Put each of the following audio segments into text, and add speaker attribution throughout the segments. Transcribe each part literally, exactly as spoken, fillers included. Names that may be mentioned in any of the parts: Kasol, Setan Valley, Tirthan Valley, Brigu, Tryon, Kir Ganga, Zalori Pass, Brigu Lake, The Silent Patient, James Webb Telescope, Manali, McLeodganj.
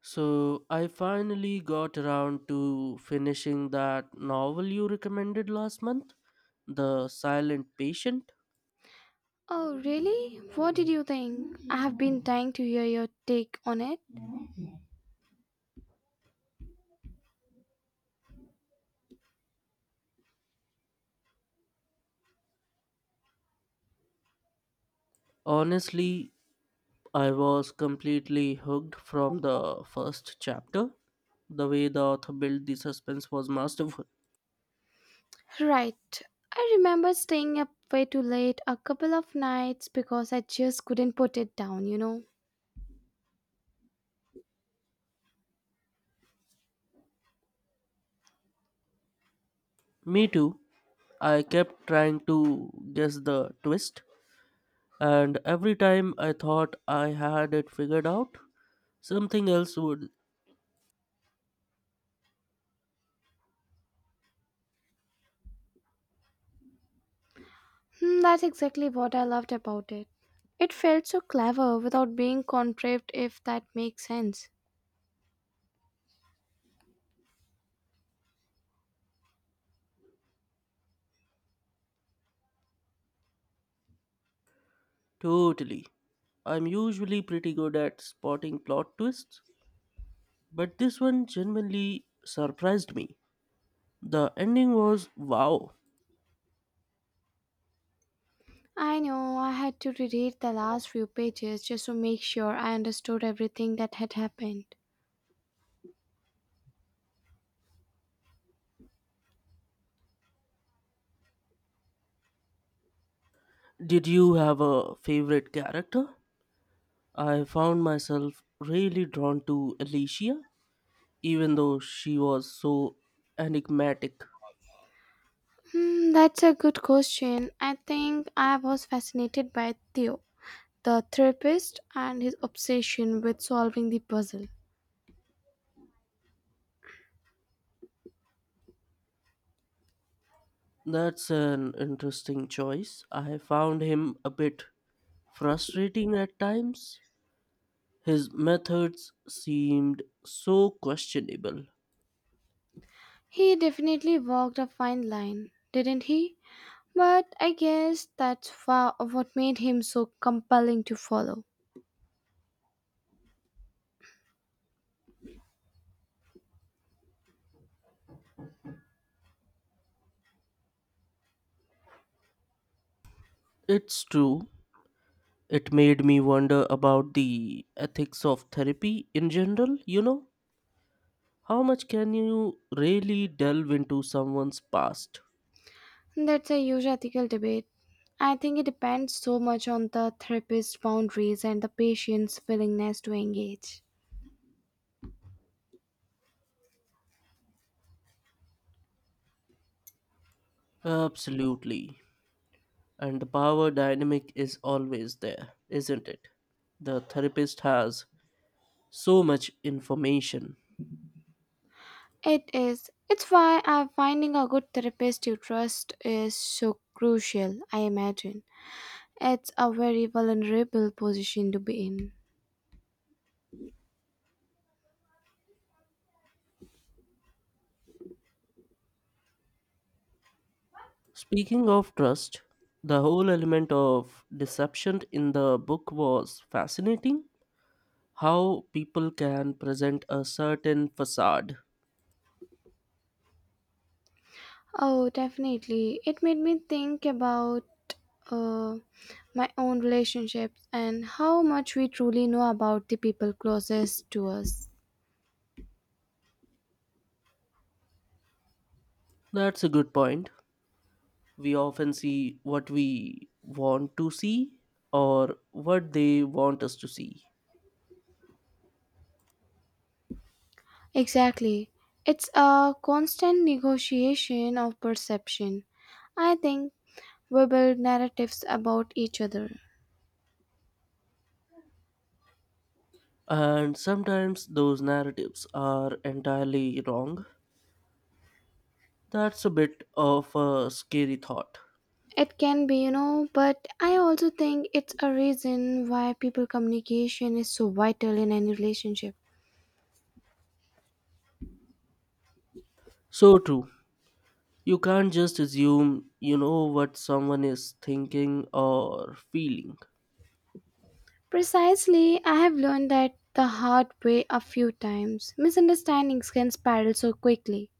Speaker 1: So I finally got around to finishing that novel you recommended last month, The Silent Patient.
Speaker 2: Oh, really? What did you think? I have been dying to hear your take on it.
Speaker 1: Honestly, I was completely hooked from the first chapter. The way the author built the suspense was masterful.
Speaker 2: Right. I remember staying up way too late a couple of nights because I just couldn't put it down, you know.
Speaker 1: Me too. I kept trying to guess the twist, and every time I thought I had it figured out, something else would.
Speaker 2: Hmm, that's exactly what I loved about it. It felt so clever without being contrived, if that makes sense.
Speaker 1: Totally. I'm usually pretty good at spotting plot twists, but this one genuinely surprised me. The ending was wow.
Speaker 2: I know, I had to reread the last few pages just to make sure I understood everything that had happened.
Speaker 1: Did you have a favorite character? I found myself really drawn to Alicia, even though she was so enigmatic.
Speaker 2: Hmm, that's a good question. I think I was fascinated by Theo the therapist and his obsession with solving the puzzle.
Speaker 1: That's an interesting choice. I found him a bit frustrating at times. His methods seemed so questionable.
Speaker 2: He definitely walked a fine line, didn't he? But I guess that's wha- what made him so compelling to follow.
Speaker 1: It's true. It made me wonder about the ethics of therapy in general, you know? How much can you really delve into someone's past?
Speaker 2: That's a huge ethical debate. I think it depends so much on the therapist's boundaries and the patient's willingness to engage.
Speaker 1: Absolutely. And the power dynamic is always there, isn't it? The therapist has so much information.
Speaker 2: It is. It's why uh, finding a good therapist you trust is so crucial, I imagine. It's a very vulnerable position to be in.
Speaker 1: Speaking of trust, the whole element of deception in the book was fascinating. How people can present a certain facade.
Speaker 2: Oh, definitely. It made me think about uh, my own relationships and how much we truly know about the people closest to us.
Speaker 1: That's a good point. We often see what we want to see or what they want us to see.
Speaker 2: Exactly. It's a constant negotiation of perception. I think we build narratives about each other.
Speaker 1: And sometimes those narratives are entirely wrong. That's a bit of a scary thought.
Speaker 2: It can be, you know, but I also think it's a reason why people communication is so vital in any relationship.
Speaker 1: So true. You can't just assume you know what someone is thinking or feeling.
Speaker 2: Precisely, I have learned that the hard way a few times. Misunderstandings can spiral so quickly.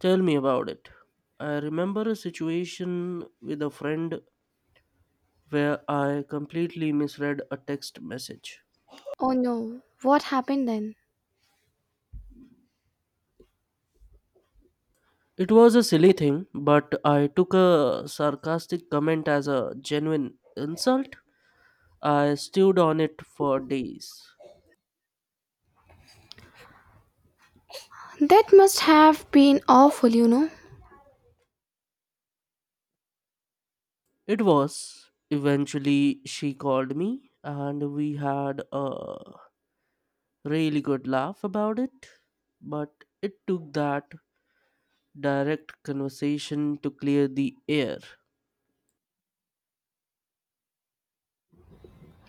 Speaker 1: Tell me about it. I remember a situation with a friend where I completely misread a text message.
Speaker 2: Oh no, what happened then?
Speaker 1: It was a silly thing, but I took a sarcastic comment as a genuine insult. I stewed on it for days.
Speaker 2: That must have been awful, you know.
Speaker 1: It was. Eventually, she called me and we had a really good laugh about it. But it took that direct conversation to clear the air.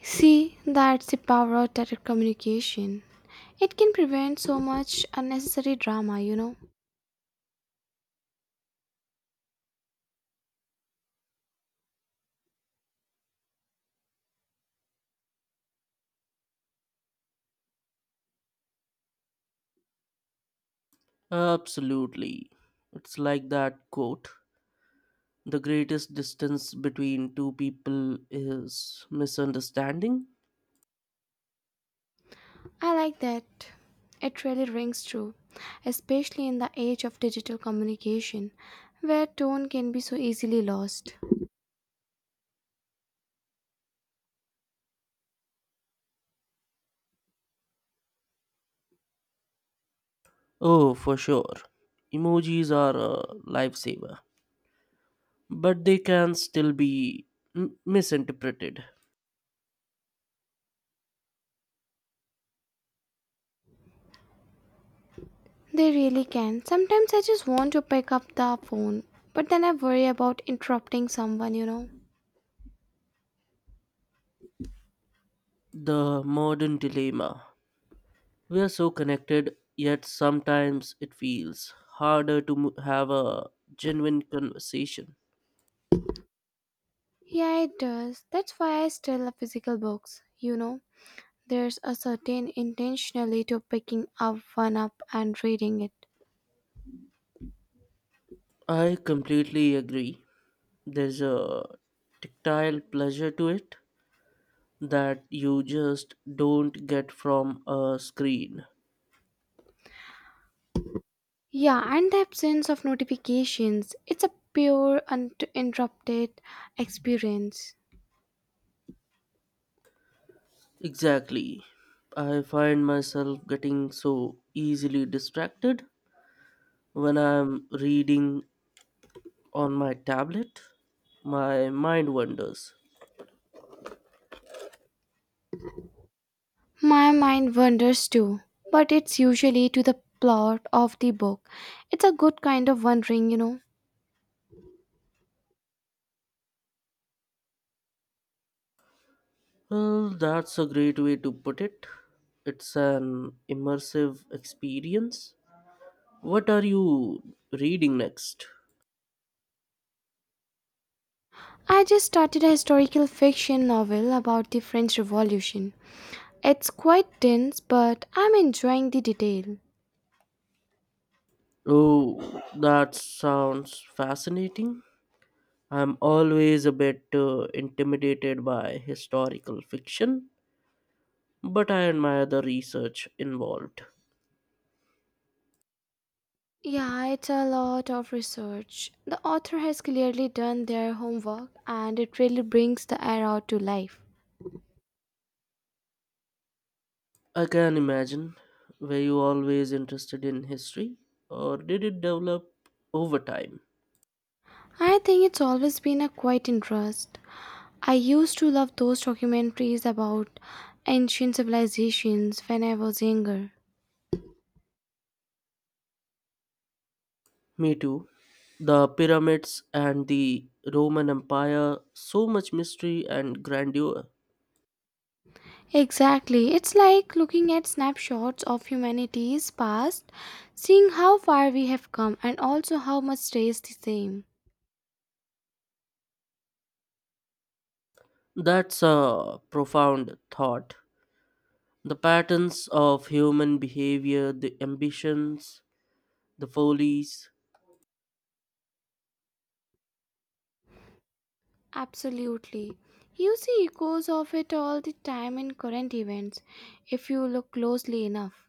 Speaker 2: See, that's the power of direct communication. It can prevent so much unnecessary drama, you know.
Speaker 1: Absolutely. It's like that quote, the greatest distance between two people is misunderstanding.
Speaker 2: I like that. It really rings true, especially in the age of digital communication, where tone can be so easily lost.
Speaker 1: Oh, for sure. Emojis are a lifesaver, but they can still be m- misinterpreted.
Speaker 2: They really can. Sometimes I just want to pick up the phone, but then I worry about interrupting someone, you know.
Speaker 1: The modern dilemma. We are so connected, yet sometimes it feels harder to m- have a genuine conversation.
Speaker 2: Yeah, it does. That's why I still love physical books, you know. There's a certain intentionally to picking up one up and reading it.
Speaker 1: I completely agree. There's a tactile pleasure to it that you just don't get from a screen.
Speaker 2: Yeah, and the absence of notifications. It's a pure uninterrupted experience.
Speaker 1: Exactly. I find myself getting so easily distracted when I'm reading on my tablet. My mind wanders.
Speaker 2: My mind wanders too, but it's usually to the plot of the book. It's a good kind of wandering, you know.
Speaker 1: Well, that's a great way to put it. It's an immersive experience. What are you reading next?
Speaker 2: I just started a historical fiction novel about the French Revolution. It's quite dense, but I'm enjoying the detail.
Speaker 1: Oh, that sounds fascinating. I'm always a bit uh, intimidated by historical fiction, but I admire the research involved.
Speaker 2: Yeah, it's a lot of research. The author has clearly done their homework and it really brings the era to life.
Speaker 1: I can imagine. Were you always interested in history, or did it develop over time?
Speaker 2: I think it's always been a quiet interest. I used to love those documentaries about ancient civilizations when I was younger.
Speaker 1: Me too. The pyramids and the Roman Empire, so much mystery and grandeur.
Speaker 2: Exactly. It's like looking at snapshots of humanity's past, seeing how far we have come and also how much stays the same.
Speaker 1: That's a profound thought. The patterns of human behavior, the ambitions, the follies.
Speaker 2: Absolutely. You see echoes of it all the time in current events if you look closely enough.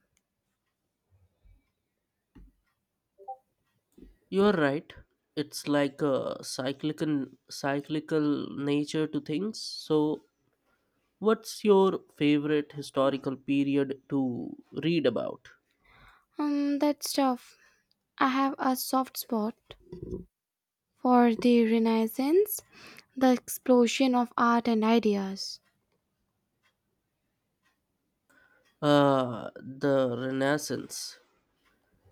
Speaker 1: You're right. It's like a cyclical cyclical nature to things. So, what's your favorite historical period to read about?
Speaker 2: Um, that's tough. I have a soft spot for the Renaissance, the explosion of art and ideas.
Speaker 1: Uh, the Renaissance,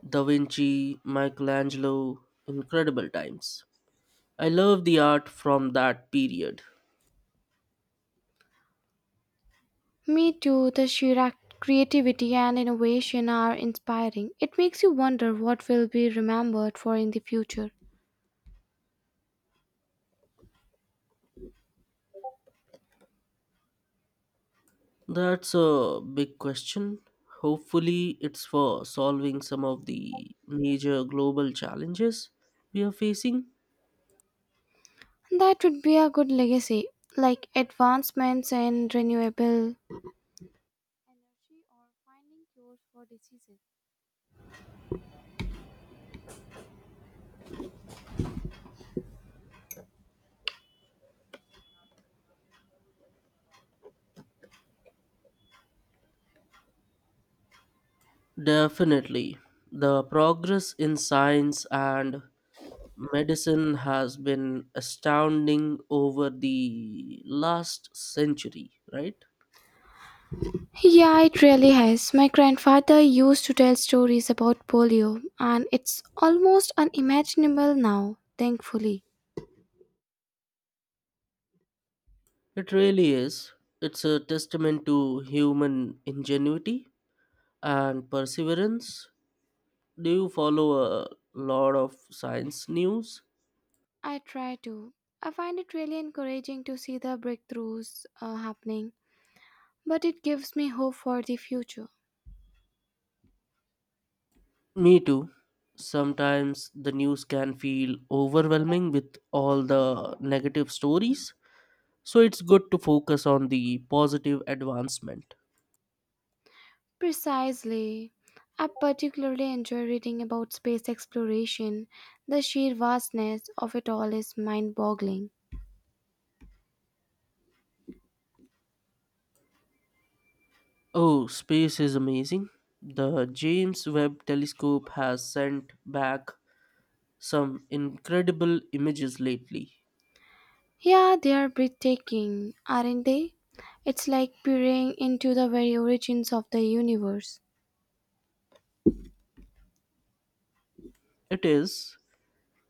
Speaker 1: Da Vinci, Michelangelo, incredible times. I love the art from that period.
Speaker 2: Me too, the sheer act- creativity and innovation are inspiring. It makes you wonder what will be remembered for in the future.
Speaker 1: That's a big question. Hopefully, it's for solving some of the major global challenges we are facing.
Speaker 2: That would be a good legacy, like advancements in renewable energy or finding cures for diseases.
Speaker 1: Definitely. The progress in science and medicine has been astounding over the last century, right?
Speaker 2: Yeah, it really has. My grandfather used to tell stories about polio, and it's almost unimaginable now, thankfully.
Speaker 1: It really is. It's a testament to human ingenuity and perseverance. Do you follow a lot of science news?
Speaker 2: I try to. I find it really encouraging to see the breakthroughs uh, happening, but it gives me hope for the future.
Speaker 1: Me too. Sometimes the news can feel overwhelming with all the negative stories, so it's good to focus on the positive advancement.
Speaker 2: Precisely. I particularly enjoy reading about space exploration. The sheer vastness of it all is mind boggling.
Speaker 1: Oh, space is amazing. The James Webb Telescope has sent back some incredible images lately.
Speaker 2: Yeah, they are breathtaking, aren't they? It's like peering into the very origins of the universe.
Speaker 1: It is,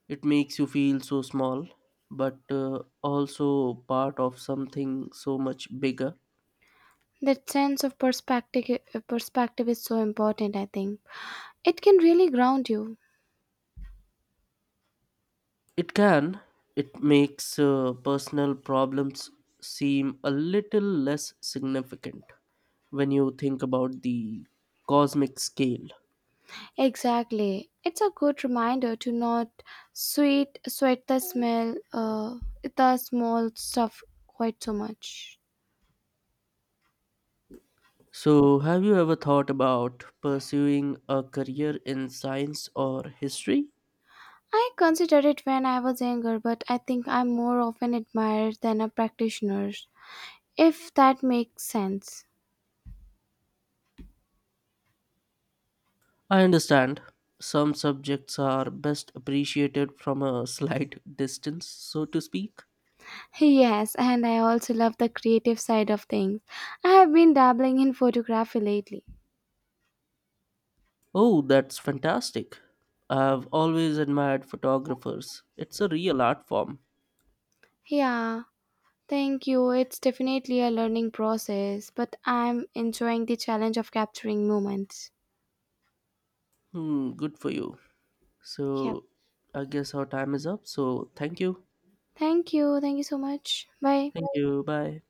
Speaker 1: it makes you feel so small, but uh, also part of something so much bigger.
Speaker 2: That sense of perspective, perspective is so important, I think. It can really ground you.
Speaker 1: It can, it makes uh, personal problems seem a little less significant when you think about the cosmic scale.
Speaker 2: Exactly. It's a good reminder to not sweet sweat the smell uh, the small stuff quite so much.
Speaker 1: So, have you ever thought about pursuing a career in science or history?
Speaker 2: I considered it when I was younger, but I think I'm more of an admirer than a practitioner, if that makes sense.
Speaker 1: I understand, some subjects are best appreciated from a slight distance, so to speak.
Speaker 2: Yes, and I also love the creative side of things. I have been dabbling in photography lately.
Speaker 1: Oh, that's fantastic. I've always admired photographers. It's a real art form.
Speaker 2: Yeah, thank you. It's definitely a learning process, but I'm enjoying the challenge of capturing moments.
Speaker 1: Hmm, good for you.
Speaker 2: Yep.
Speaker 1: So, I guess our time is up. So, thank you.
Speaker 2: Thank you. Thank you so much. Bye.
Speaker 1: Thank you. Bye.